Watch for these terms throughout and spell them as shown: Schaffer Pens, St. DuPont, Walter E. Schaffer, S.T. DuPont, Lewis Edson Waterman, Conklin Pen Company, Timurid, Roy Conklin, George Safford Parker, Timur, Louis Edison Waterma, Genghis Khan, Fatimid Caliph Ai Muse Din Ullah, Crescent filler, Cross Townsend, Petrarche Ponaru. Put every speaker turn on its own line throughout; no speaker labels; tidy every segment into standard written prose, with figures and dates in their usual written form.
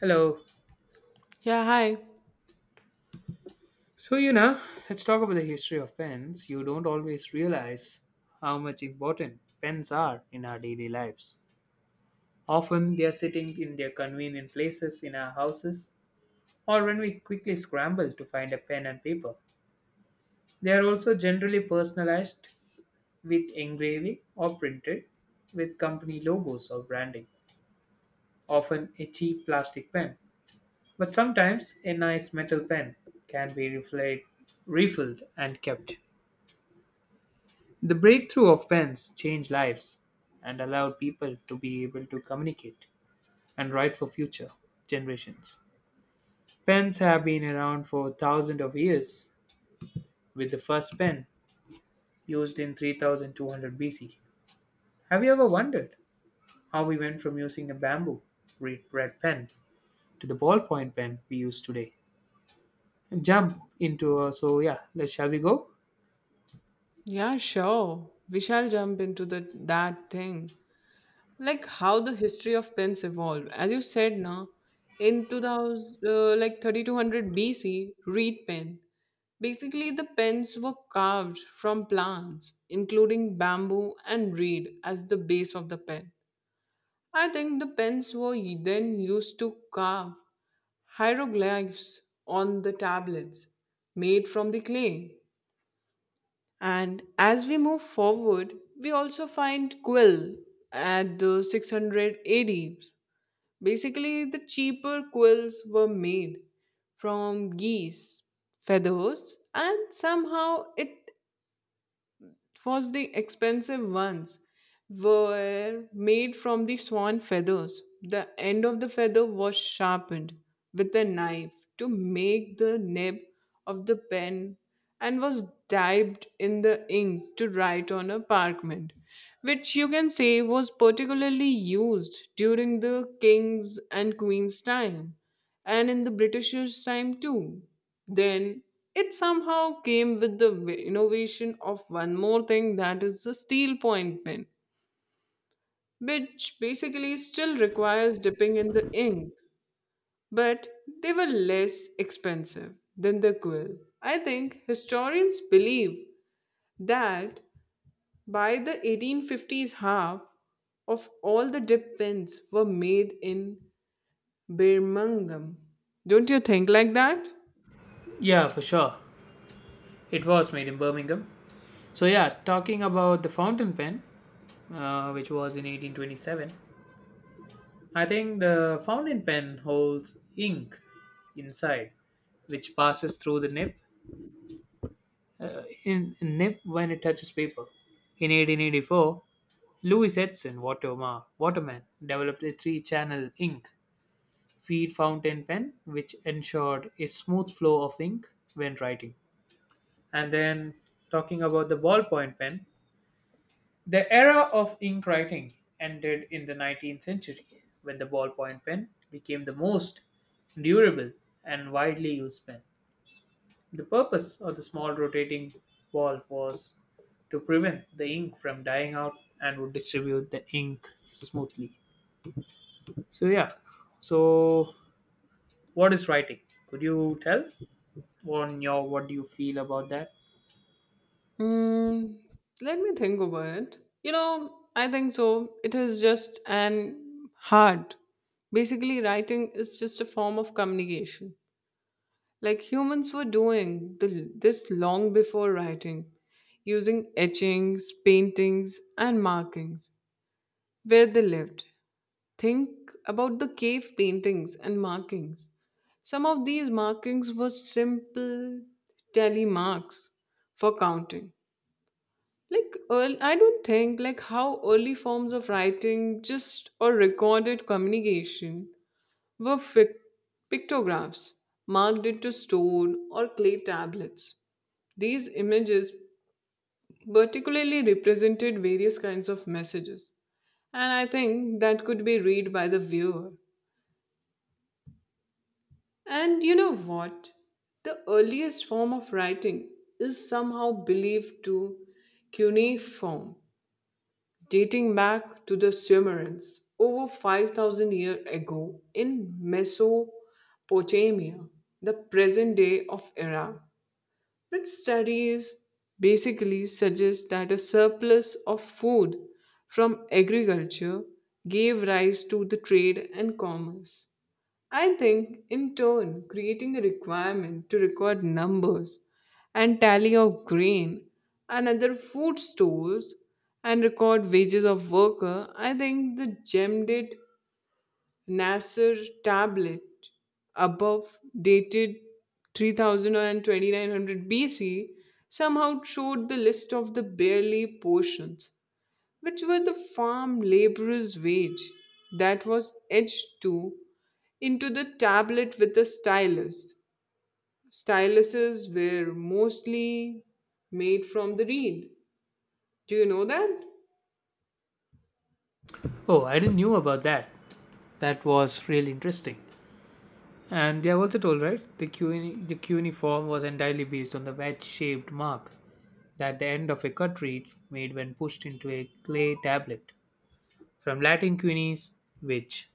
Hello.
Yeah, hi.
So, you know, let's talk about the history of pens. You don't always realize how much important pens are in our daily lives. Often they are sitting in their convenient places in our houses, or when we quickly scramble to find a pen and paper. They are also generally personalized with engraving or printed with company logos or branding, often a cheap plastic pen. But sometimes a nice metal pen can be refilled, and kept. The breakthrough of pens changed lives and allowed people to be able to communicate and write for future generations. Pens have been around for thousands of years, with the first pen used in 3200 BC. Have you ever wondered how we went from using a bamboo red pen to the ballpoint pen we use today? Jump into a so yeah, let's Shall we go?
Yeah, sure. We shall jump into the that thing. Like how the history of pens evolved. As you said now, in 2000, like 3200 BC, reed pen. Basically, the pens were carved from plants, including bamboo and reed as the base of the pen. I think the pens were then used to carve hieroglyphs on the tablets made from the clay. And as we move forward, we also find quill at the 600 AD. Basically, the cheaper quills were made from geese feathers, and somehow it. First, the expensive ones were made from the swan feathers. The end of the feather was sharpened with a knife to make the nib of the pen and was dabbed in the ink to write on a parchment, which you can say was particularly used during the king's and queen's time and in the Britishers' time too. Then it somehow came with the innovation of one more thing, that is the steel point pen, which basically still requires dipping in the ink, but they were less expensive than the quill. I think historians believe that by the 1850s, half of all the dip pens were made in Birmingham. Don't you think like that?
Yeah, for sure. It was made in Birmingham. So yeah, talking about the fountain pen, which was in 1827. I think the fountain pen holds ink inside, which passes through the nib, nib when it touches paper. In 1884, Waterman developed a three-channel ink feed fountain pen, which ensured a smooth flow of ink when writing. And then, talking about the ballpoint pen, the era of ink writing ended in the 19th century when the ballpoint pen became the most durable and widely used pen. The purpose of the small rotating ball was to prevent the ink from dying out and would distribute the ink smoothly. So yeah. So what is writing? Could you tell on your what do you feel about that?
Mm, let me think about it. You know, I think so. It is just an hard. Basically, writing is just a form of communication. Like humans were doing this long before writing, using etchings, paintings, and markings where they lived. Think about the cave paintings and markings. Some of these markings were simple tally marks for counting, like, earl I don't think like how early forms of writing, just or recorded communication, were pictographs marked into stone or clay tablets. These images particularly represented various kinds of messages, and I think that could be read by the viewer. And you know what? The earliest form of writing is somehow believed to cuneiform, dating back to the Sumerians over 5,000 years ago in Mesopotamia, the present day of Iraq. But studies basically suggest that a surplus of food from agriculture gave rise to the trade and commerce. I think, in turn, creating a requirement to record numbers and tally of grain and other food stores and record wages of worker. I think the gemmed Nasser tablet above dated 3000 and 2900 BC somehow showed the list of the barely portions, which were the farm laborer's wage that was etched to into the tablet with a stylus. Styluses were mostly made from the reed. Do you know that?
Oh, I didn't knew about that. That was really interesting. And they are also told, right, the cuneiform was entirely based on the wedge-shaped mark that the end of a cartridge made when pushed into a clay tablet, from Latin cunis, which.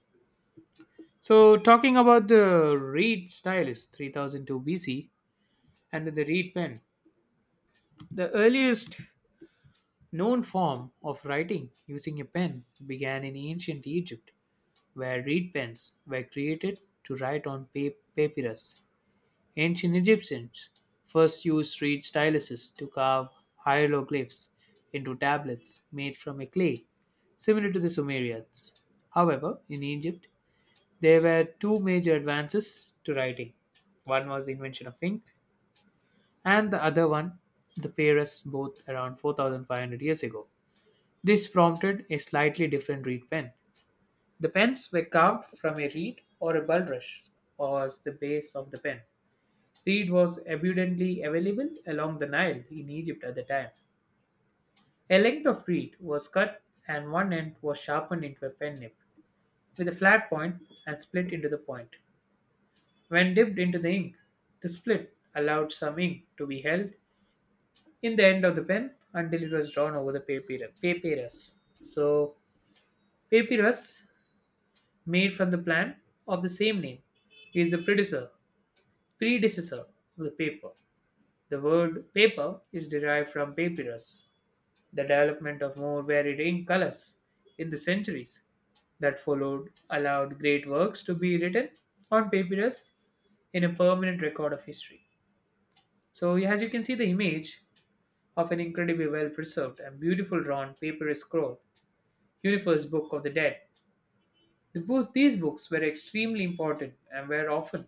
So, talking about the reed stylus, 3002 BC, and the reed pen, the earliest known form of writing using a pen began in ancient Egypt, where reed pens were created to write on papyrus. Ancient Egyptians first used reed styluses to carve hieroglyphs into tablets made from a clay, similar to the Sumerians. However, in Egypt, there were two major advances to writing. One was the invention of ink, and the other one, the papyrus, both around 4,500 years ago. This prompted a slightly different reed pen. The pens were carved from a reed or a bulrush, was the base of the pen. Reed was abundantly available along the Nile in Egypt at the time. A length of reed was cut and one end was sharpened into a pen nib with a flat point and split into the point. When dipped into the ink, the split allowed some ink to be held in the end of the pen until it was drawn over the papyrus. So, papyrus, made from the plant of the same name, is the predecessor, predecessor of the paper. The word paper is derived from papyrus. The development of more varied ink colors in the centuries that followed allowed great works to be written on papyrus in a permanent record of history. So, yeah, as you can see, the image of an incredibly well preserved and beautiful drawn papyrus scroll, Universe Book of the Dead. These books were extremely important and were often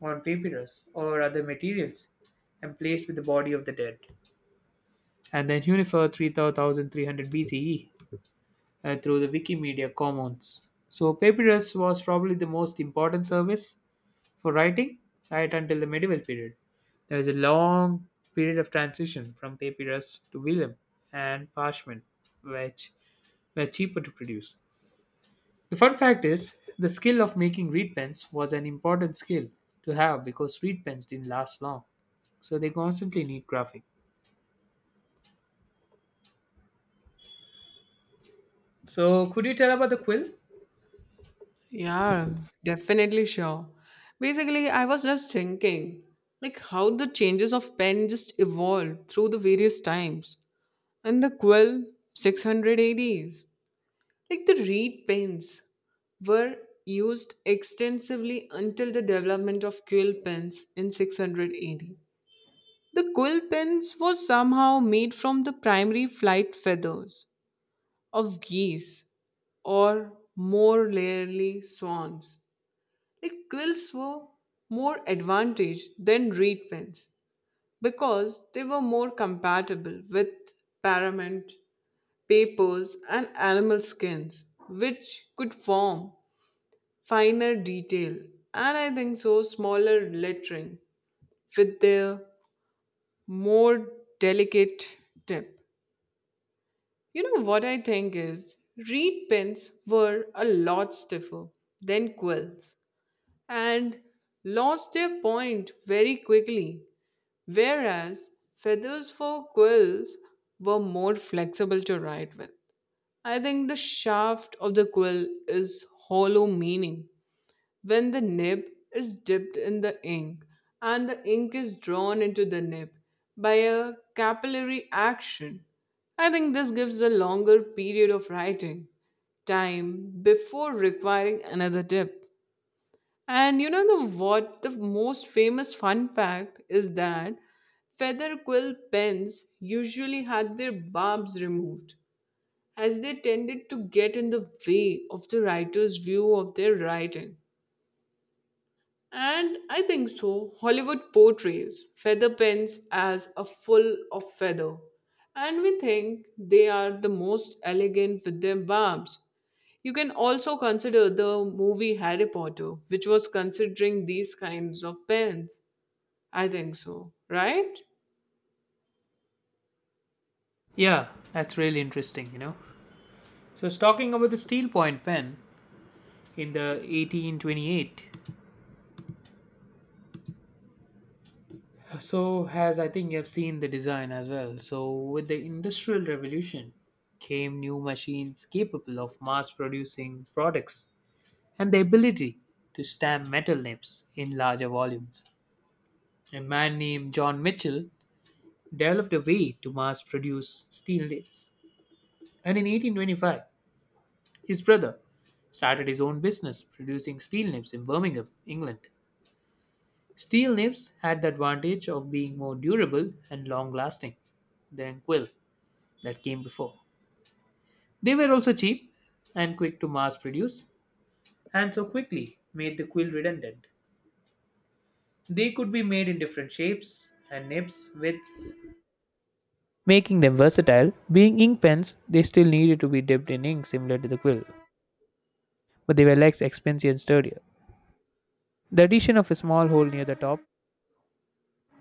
on papyrus or other materials and placed with the body of the dead. And then Unifer 3300 BCE, through the Wikimedia Commons. So, papyrus was probably the most important service for writing right until the medieval period. There was a long period of transition from papyrus to vellum and parchment, which were cheaper to produce. The fun fact is, the skill of making reed pens was an important skill to have because reed pens didn't last long, so they constantly need graphic. So, could you tell about the quill?
Yeah, definitely sure. Basically, I was just thinking like how the changes of pen just evolved through the various times, and the quill, 600 ADs. Like the reed pens were used extensively until the development of quill pens in 600 AD. The quill pens was somehow made from the primary flight feathers of geese, or more rarely swans. Like, quills were more advantaged than reed pens because they were more compatible with parchment, papers, and animal skins, which could form finer detail and I think so smaller lettering with their more delicate tip. You know what I think is, reed pens were a lot stiffer than quills and lost their point very quickly, whereas feathers for quills were more flexible to write with. I think the shaft of the quill is hollow, meaning when the nib is dipped in the ink, and the ink is drawn into the nib by a capillary action. I think this gives a longer period of writing time before requiring another dip. And you know what? The most famous fun fact is that feather quill pens usually had their barbs removed as they tended to get in the way of the writer's view of their writing. And I think so Hollywood portrays feather pens as a full of feather, and we think they are the most elegant with their barbs. You can also consider the movie Harry Potter, which was considering these kinds of pens. I think so, right?
Yeah, that's really interesting, you know. So, talking about the steel point pen, in the 1828. So, as I think you have seen the design as well. So, with the Industrial Revolution came new machines capable of mass producing products and the ability to stamp metal names in larger volumes. A man named John Mitchell developed a way to mass produce steel names. And in 1825, his brother started his own business producing steel names in Birmingham, England. Steel nibs had the advantage of being more durable and long lasting than quill that came before. They were also cheap and quick to mass produce, and so quickly made the quill redundant. They could be made in different shapes and nibs, widths, making them versatile. Being ink pens, they still needed to be dipped in ink similar to the quill, but they were less expensive and sturdier. The addition of a small hole near the top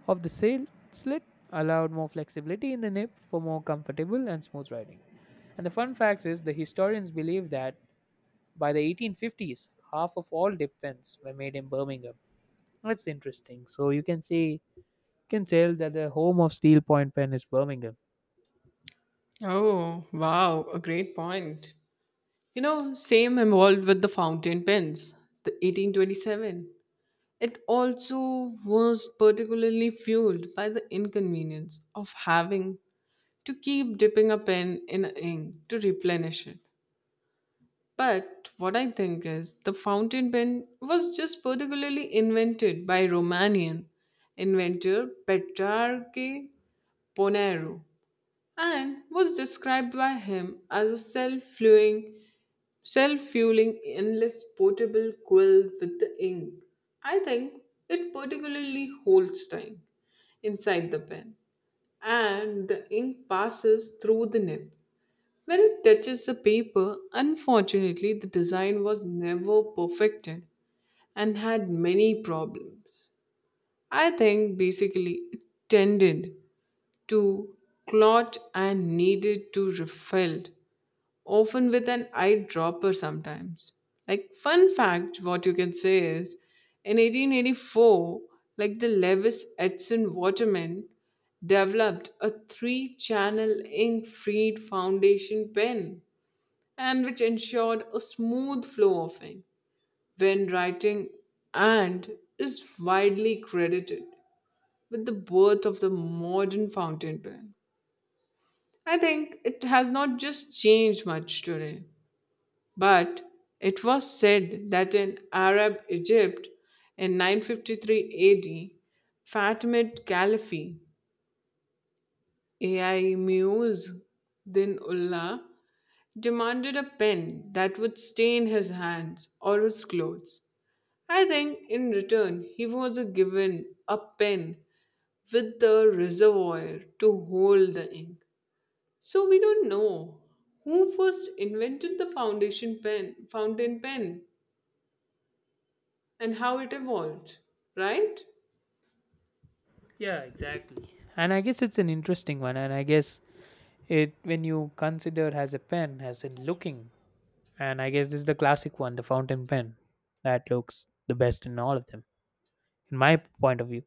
of the sail slit allowed more flexibility in the nip for more comfortable and smooth riding. And the fun fact is, the historians believe that by the 1850s, half of all dip pens were made in Birmingham. That's interesting. So you can see, can tell that the home of steel point pen is Birmingham.
Oh, wow, a great point. You know, same involved with the fountain pens, the 1827. It also was particularly fueled by the inconvenience of having to keep dipping a pen in ink to replenish it. But what I think is the fountain pen was just particularly invented by Romanian inventor Petrarche Ponaru, and was described by him as a self-fueling endless portable quill with the ink. I think it particularly holds time inside the pen, and the ink passes through the nib when it touches the paper. Unfortunately, the design was never perfected and had many problems. I think basically it tended to clot and needed to refilled, often with an eyedropper sometimes. Like, fun fact, what you can say is, in 1884, like the Lewis Edson Waterman developed a three-channel ink-freed foundation pen, and which ensured a smooth flow of ink when writing, and is widely credited with the birth of the modern fountain pen. I think it has not just changed much today, but it was said that in Arab Egypt in 953 AD, Fatimid Caliph Ai Muse Din Ullah demanded a pen that would stain his hands or his clothes. I think in return he was given a pen with the reservoir to hold the ink. So we don't know who first invented the fountain pen, and how it evolved, right?
Yeah, exactly. And I guess it's an interesting one. And I guess it, when you consider as a pen, as in looking, and I guess this is the classic one, the fountain pen, that looks the best in all of them, in my point of view.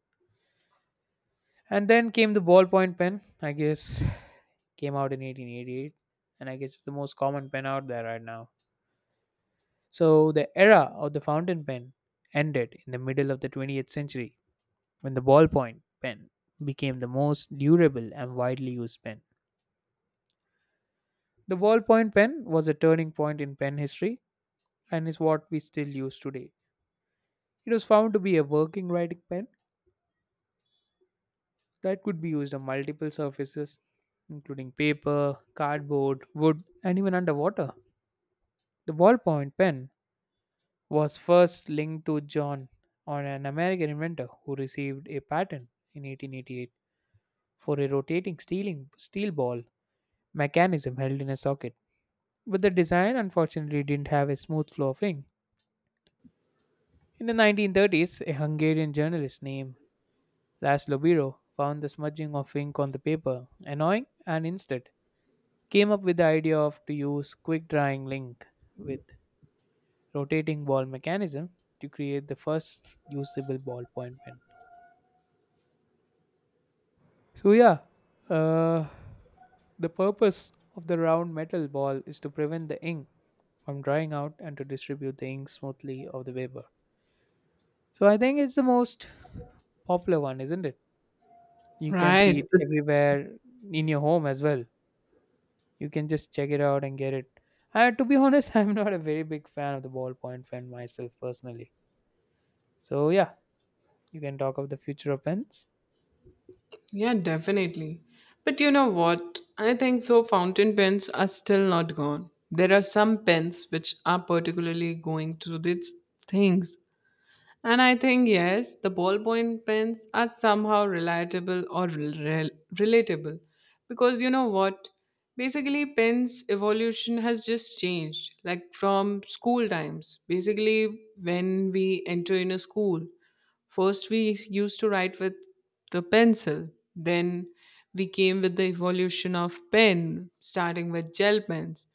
And then came the ballpoint pen, I guess, came out in 1888, and I guess it's the most common pen out there right now. So the era of the fountain pen ended in the middle of the 20th century when the ballpoint pen became the most durable and widely used pen. The ballpoint pen was a turning point in pen history and is what we still use today. It was found to be a working writing pen that could be used on multiple surfaces, including paper, cardboard, wood, and even underwater. The ballpoint pen was first linked to John on, an American inventor who received a patent in 1888 for a rotating steel ball mechanism held in a socket. But the design unfortunately didn't have a smooth flow of ink. In the 1930s, a Hungarian journalist named Laszlo Biro found the smudging of ink on the paper annoying and instead came up with the idea of to use quick drying ink with rotating ball mechanism to create the first usable ballpoint pen. So yeah, uh, the purpose of the round metal ball is to prevent the ink from drying out and to distribute the ink smoothly of the paper. So I think it's the most popular one, isn't it? You can see
Right.
it everywhere in your home as well. You can just check it out and get it. To be honest, I'm not a very big fan of the ballpoint pen myself personally. So yeah, you can talk of the future of pens.
Yeah, definitely. But you know what? I think so. Fountain pens are still not gone. There are some pens which are particularly going through these things. And I think, yes, the ballpoint pens are somehow relatable. Because you know what? Basically, pens' evolution has just changed, like from school times. Basically, when we enter in a school, first we used to write with the pencil, then we came with the evolution of pen, starting with gel pens,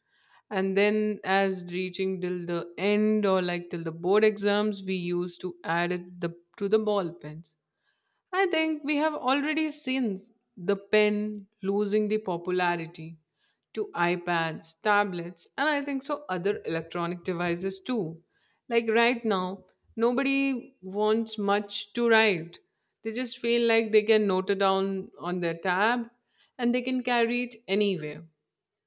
and then as reaching till the end, or like till the board exams, we used to add it to the ball pens. I think we have already seen the pen losing the popularity to iPads, tablets, and I think so other electronic devices too. Like, right now, nobody wants much to write. They just feel like they can note it down on their tab, and they can carry it anywhere.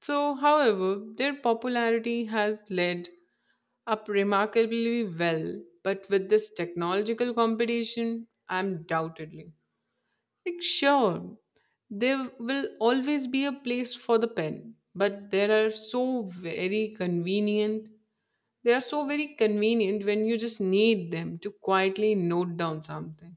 So, however, their popularity has led up remarkably well, but with this technological competition, undoubtedly. Like, sure, there will always be a place for the pen, but there are so very convenient. They are so very convenient when you just need them to quietly note down something,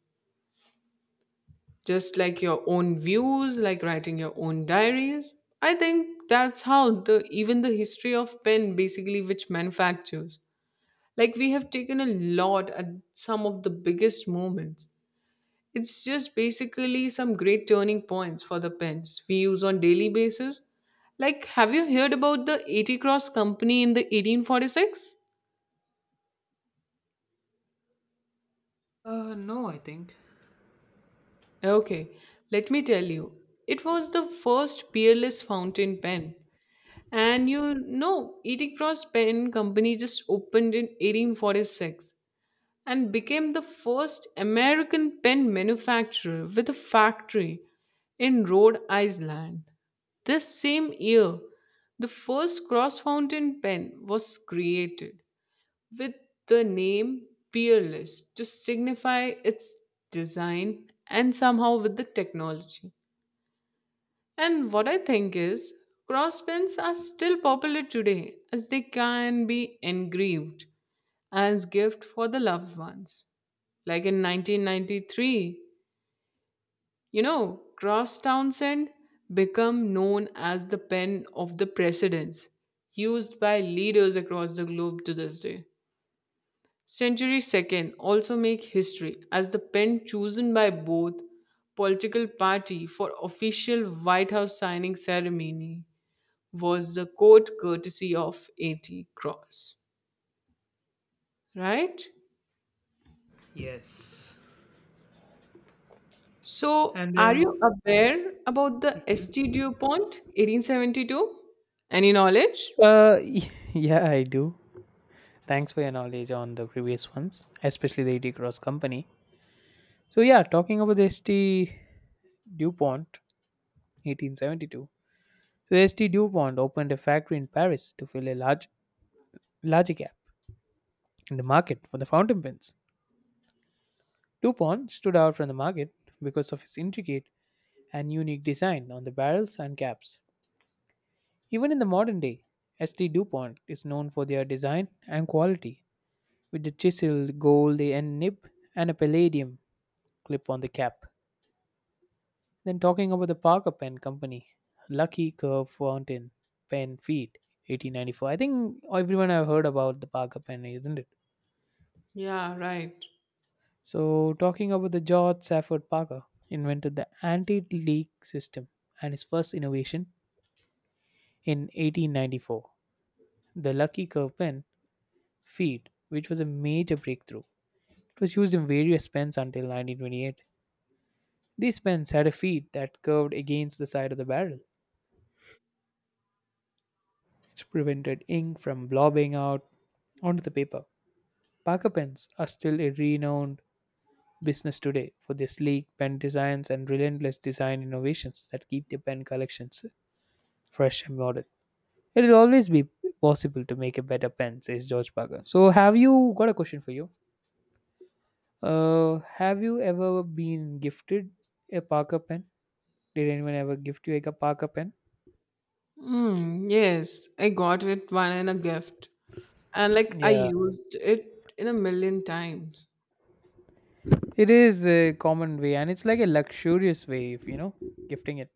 just like your own views, like writing your own diaries. I think that's how the even the history of pen, basically, which manufactures. Like, we have taken a lot at some of the biggest moments. It's just basically some great turning points for the pens we use on daily basis. Like, have you heard about the 80 cross company in the 1846?
No, I think.
Okay, let me tell you. It was the first peerless fountain pen. And you know, Eating Cross Pen Company just opened in 1846 and became the first American pen manufacturer with a factory in Rhode Island. This same year, the first cross fountain pen was created with the name Peerless to signify its design and somehow with the technology. And what I think is, crosspins are still popular today as they can be engraved as gift for the loved ones. Like, in 1993, you know, Cross Townsend become known as the pen of the presidents, used by leaders across the globe to this day. Century Second also make history as the pen chosen by both political party for official White House signing ceremony was the courtesy of 80 cross, right?
Yes.
So,
And
are
then
you aware about the St. DuPont 1872? Any knowledge?
Yeah, I do. Thanks for your knowledge on the previous ones, especially the E.T. Cross Company. So, yeah, talking about the S.T. DuPont, 1872. So, the S.T. DuPont opened a factory in Paris to fill a large gap in the market for the fountain pens. DuPont stood out from the market because of its intricate and unique design on the barrels and caps. Even in the modern day, S.T. DuPont is known for their design and quality with the chiseled gold and nib and a palladium clip on the cap. Then talking about the Parker Pen Company, Lucky Curve Fountain Pen Feed, 1894. I think everyone have heard about the Parker Pen, isn't it?
Yeah, right.
So talking about the George Safford Parker, invented the anti-leak system and his first innovation in 1894, the Lucky Curve Pen Feed, which was a major breakthrough. It was used in various pens until 1928. These pens had a feed that curved against the side of the barrel, which prevented ink from blobbing out onto the paper. Parker pens are still a renowned business today for their sleek pen designs and relentless design innovations that keep their pen collections fresh and modern. It will always be possible to make a better pen, says George Parker. So, have you got a question for you? Have you ever been gifted a Parker pen? Did anyone ever gift you like a Parker pen?
Mm, yes, I got it one in a gift. And like I
Yeah,
used it in a million times.
it is a common way, and it's like a luxurious way of gifting it.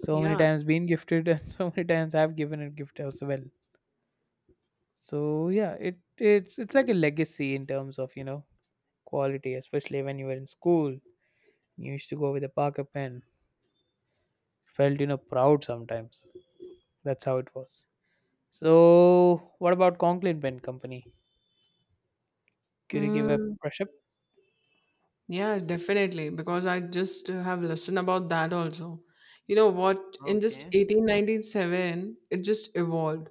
So many
Yeah.
times being gifted, and so many times I've given a gift as well. So yeah, it's like a legacy in terms of quality, especially when you were in school. You used to go with a Parker pen. Felt proud sometimes. That's how it was. So what about Conklin Pen Company? Could you give a
Hmm.
brush up?
Yeah, definitely. Because I just have listened about that also. You know what? In just
Okay.
1897, it just evolved.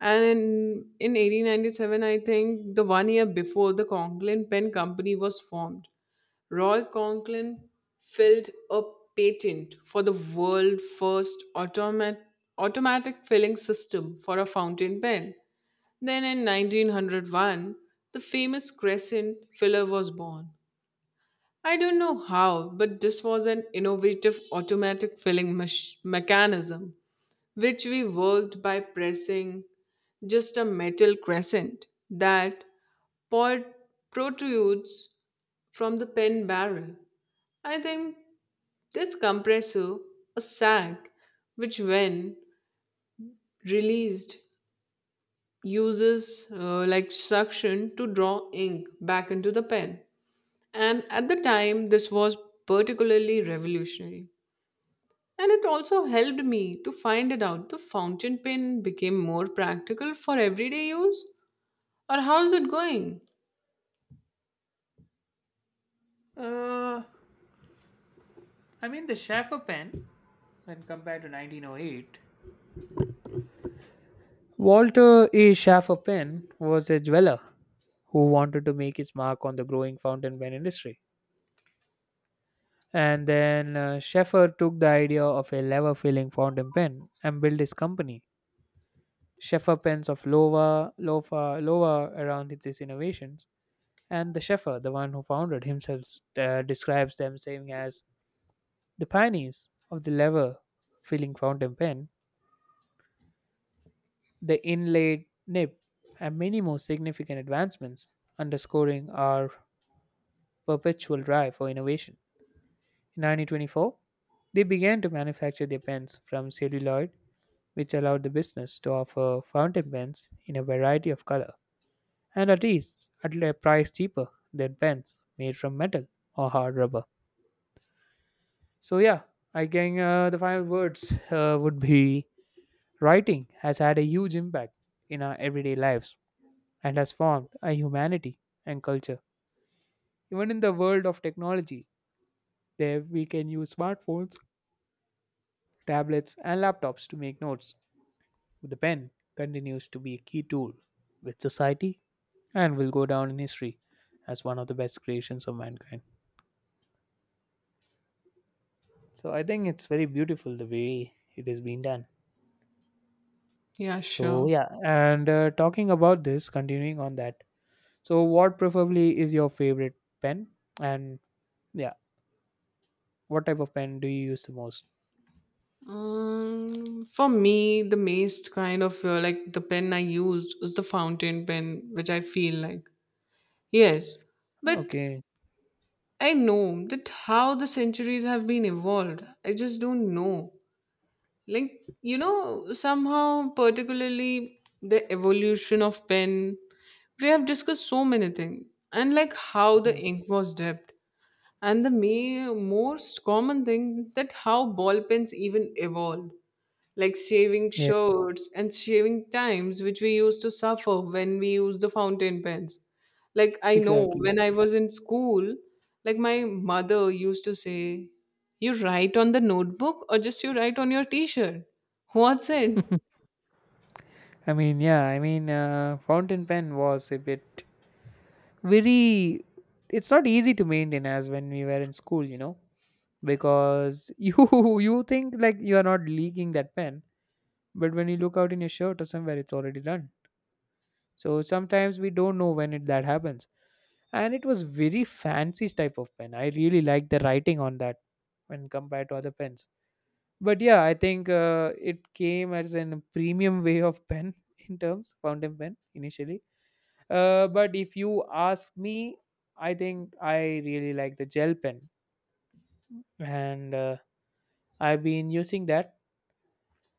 And in 1897, I think the one year before, the Conklin Pen Company was formed. Roy Conklin filed a patent for the world first automatic filling system for a fountain pen. Then in 1901, the famous Crescent filler was born. I don't know how, but this was an innovative automatic filling mechanism, which we worked by pressing just a metal crescent that pod- protrudes from the pen barrel. I think this compressor, a sac, which when released uses like suction to draw ink back into the pen. And at the time, this was particularly revolutionary. And it also helped me to find it out. The fountain pen became more practical for everyday use. Or how's it going?
Uh, I mean the Schaffer pen, when compared to 1908. Walter E. Schaffer Penn was a jeweler who wanted to make his mark on the growing fountain pen industry. And then Schaffer took the idea of a lever filling fountain pen and built his company, Schaffer Pens of Lova, Lofa, Lova, around his innovations. And the Schaffer, the one who founded himself, describes them saying, as the pioneers of the lever filling fountain pen, the inlaid nib, and many more significant advancements, underscoring our perpetual drive for innovation. In 1924, they began to manufacture their pens from celluloid, which allowed the business to offer fountain pens in a variety of color and at least at a price cheaper than pens made from metal or hard rubber. So yeah, I think the final words would be writing has had a huge impact in our everyday lives and has formed a humanity and culture. Even in the world of technology, there we can use smartphones tablets, and laptops to make notes. The pen continues to be a key tool with society and will go down in history as one of the best creations of mankind. So I think it's very beautiful the way it is being done.
Yeah,
So
sure.
yeah, and talking about this, continuing on that. So what preferably is your favorite pen, and yeah, what type of pen do you use the most?
For me, the most kind of like the pen I used was the fountain pen, which I feel like. Yes, but
Okay.
I know that how the centuries have been evolved. I just don't know. Like, you know, somehow particularly the evolution of pen, we have discussed so many things, and like how the
Mhm.
ink was dipped, and the most common thing, that how ball pens even evolved, like shaving
Yeah.
shirts and shaving times which we used to suffer when we used the fountain pens. Like, I know,
Exactly.
when I was in school, like, my mother used to say, you write on the notebook or just you write on your t-shirt, what's it?
I mean, yeah. I mean, fountain pen was a bit very it's not easy to maintain as when we were in school, you know, because you think like you are not leaking that pen, but when you look out in your shirt or somewhere it's already done. So sometimes we don't know when it, that happens. And it was very fancy type of pen. I really like the writing on that when compared to other pens. But yeah, I think it came as a premium way of pen in terms fountain pen initially. But if you ask me, I think I really like the gel pen, and I've been using that,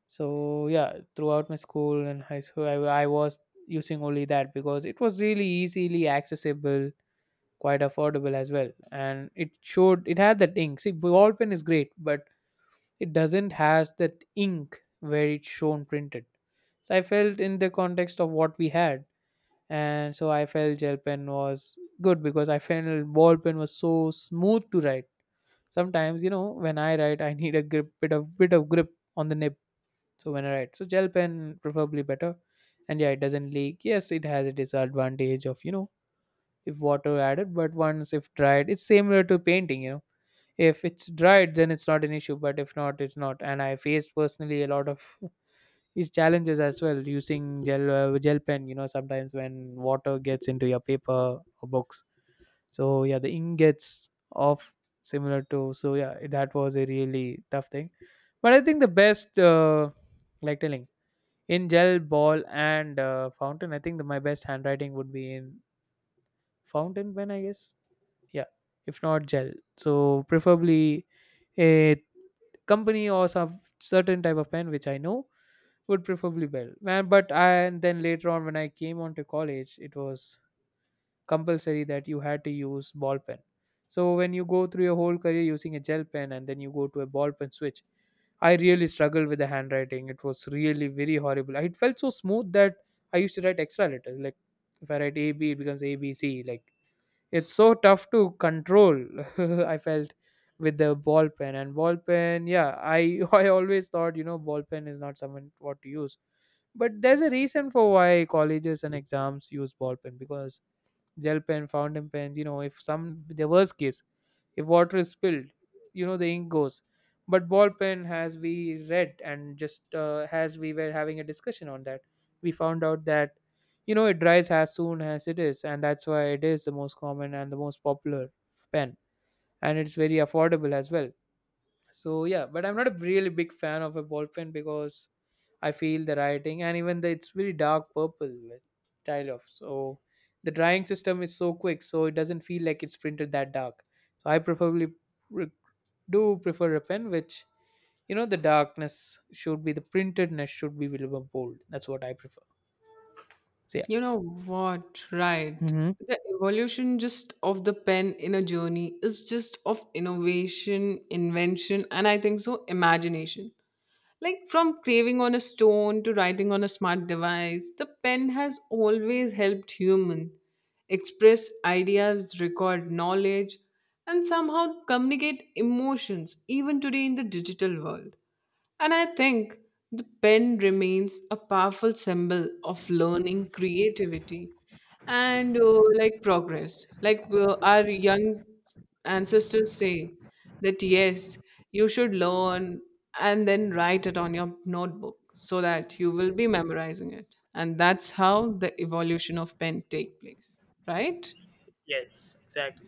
so yeah, throughout my school and high school, I was using only that because it was really easily accessible, quite affordable as well, and it showed it had that ink. See, ball pen is great, but it doesn't has that ink where it's shown printed. So I felt in the context of what we had, and so I felt gel pen was good because I felt ball pen was so smooth to write. Sometimes, you know, when I write, I need a grip, bit of grip on the nib so when I write, so gel pen preferably better, and yeah, it doesn't leak. Yes, it has a disadvantage of, you know, if water added, but once if dried, it's similar to painting. You know, if it's dried, then it's not an issue, but if not, it's not. And I face personally a lot of these challenges as well using gel pen. You know, sometimes when water gets into your paper or books, so yeah, the ink gets off similar to. So yeah, that was a really tough thing. But I think the best, like telling in gel ball and fountain, I think the, my best handwriting would be in fountain pen, I guess, yeah, if not gel, so preferably a company or some certain type of pen which I know would preferably well, Man, but I, and then later on when I came on to college it was compulsory that you had to use ball pen, so when you go through your whole career using a gel pen and then you go to a ball pen switch, I really struggled with the handwriting. It was really very horrible. It felt so smooth that I used to write extra letters, like if I write ab it becomes abc, like it's so tough to control I felt with the ball pen. And ball pen, yeah, I I always thought, you know, ball pen is not someone what to use, but there's a reason for why colleges and exams use ball pen because gel pen, fountain pens, you know, if some the worst case, if water is spilled, you know the ink goes. But ball pen has we read, and just as we were having a discussion on that, we found out that you know it dries as soon as it is, and that's why it is the most common and the most popular pen, and it's very affordable as well. So yeah, but I'm not a really big fan of a ball pen because I feel the writing, and even though it's very dark purple with tile off. So the drying system is so quick so it doesn't feel like it's printed that dark. So I preferably pre- do prefer a pen which, you know, the darkness should be, the printedness should be visible bold. That's what I prefer. So yeah.
You know what, right?
Hmm.
The evolution just of the pen in a journey is just of innovation, invention, and I think so imagination. Like, from craving on a stone to writing on a smart device, the pen has always helped human express ideas, record knowledge, and somehow communicate emotions even today in the digital world. And I think the pen remains a powerful symbol of learning, creativity, and like progress. Like, our young ancestors say that yes, you should learn and then write it on your notebook so that you will be memorizing it. And that's how the evolution of pen take place, right?
Yes, exactly.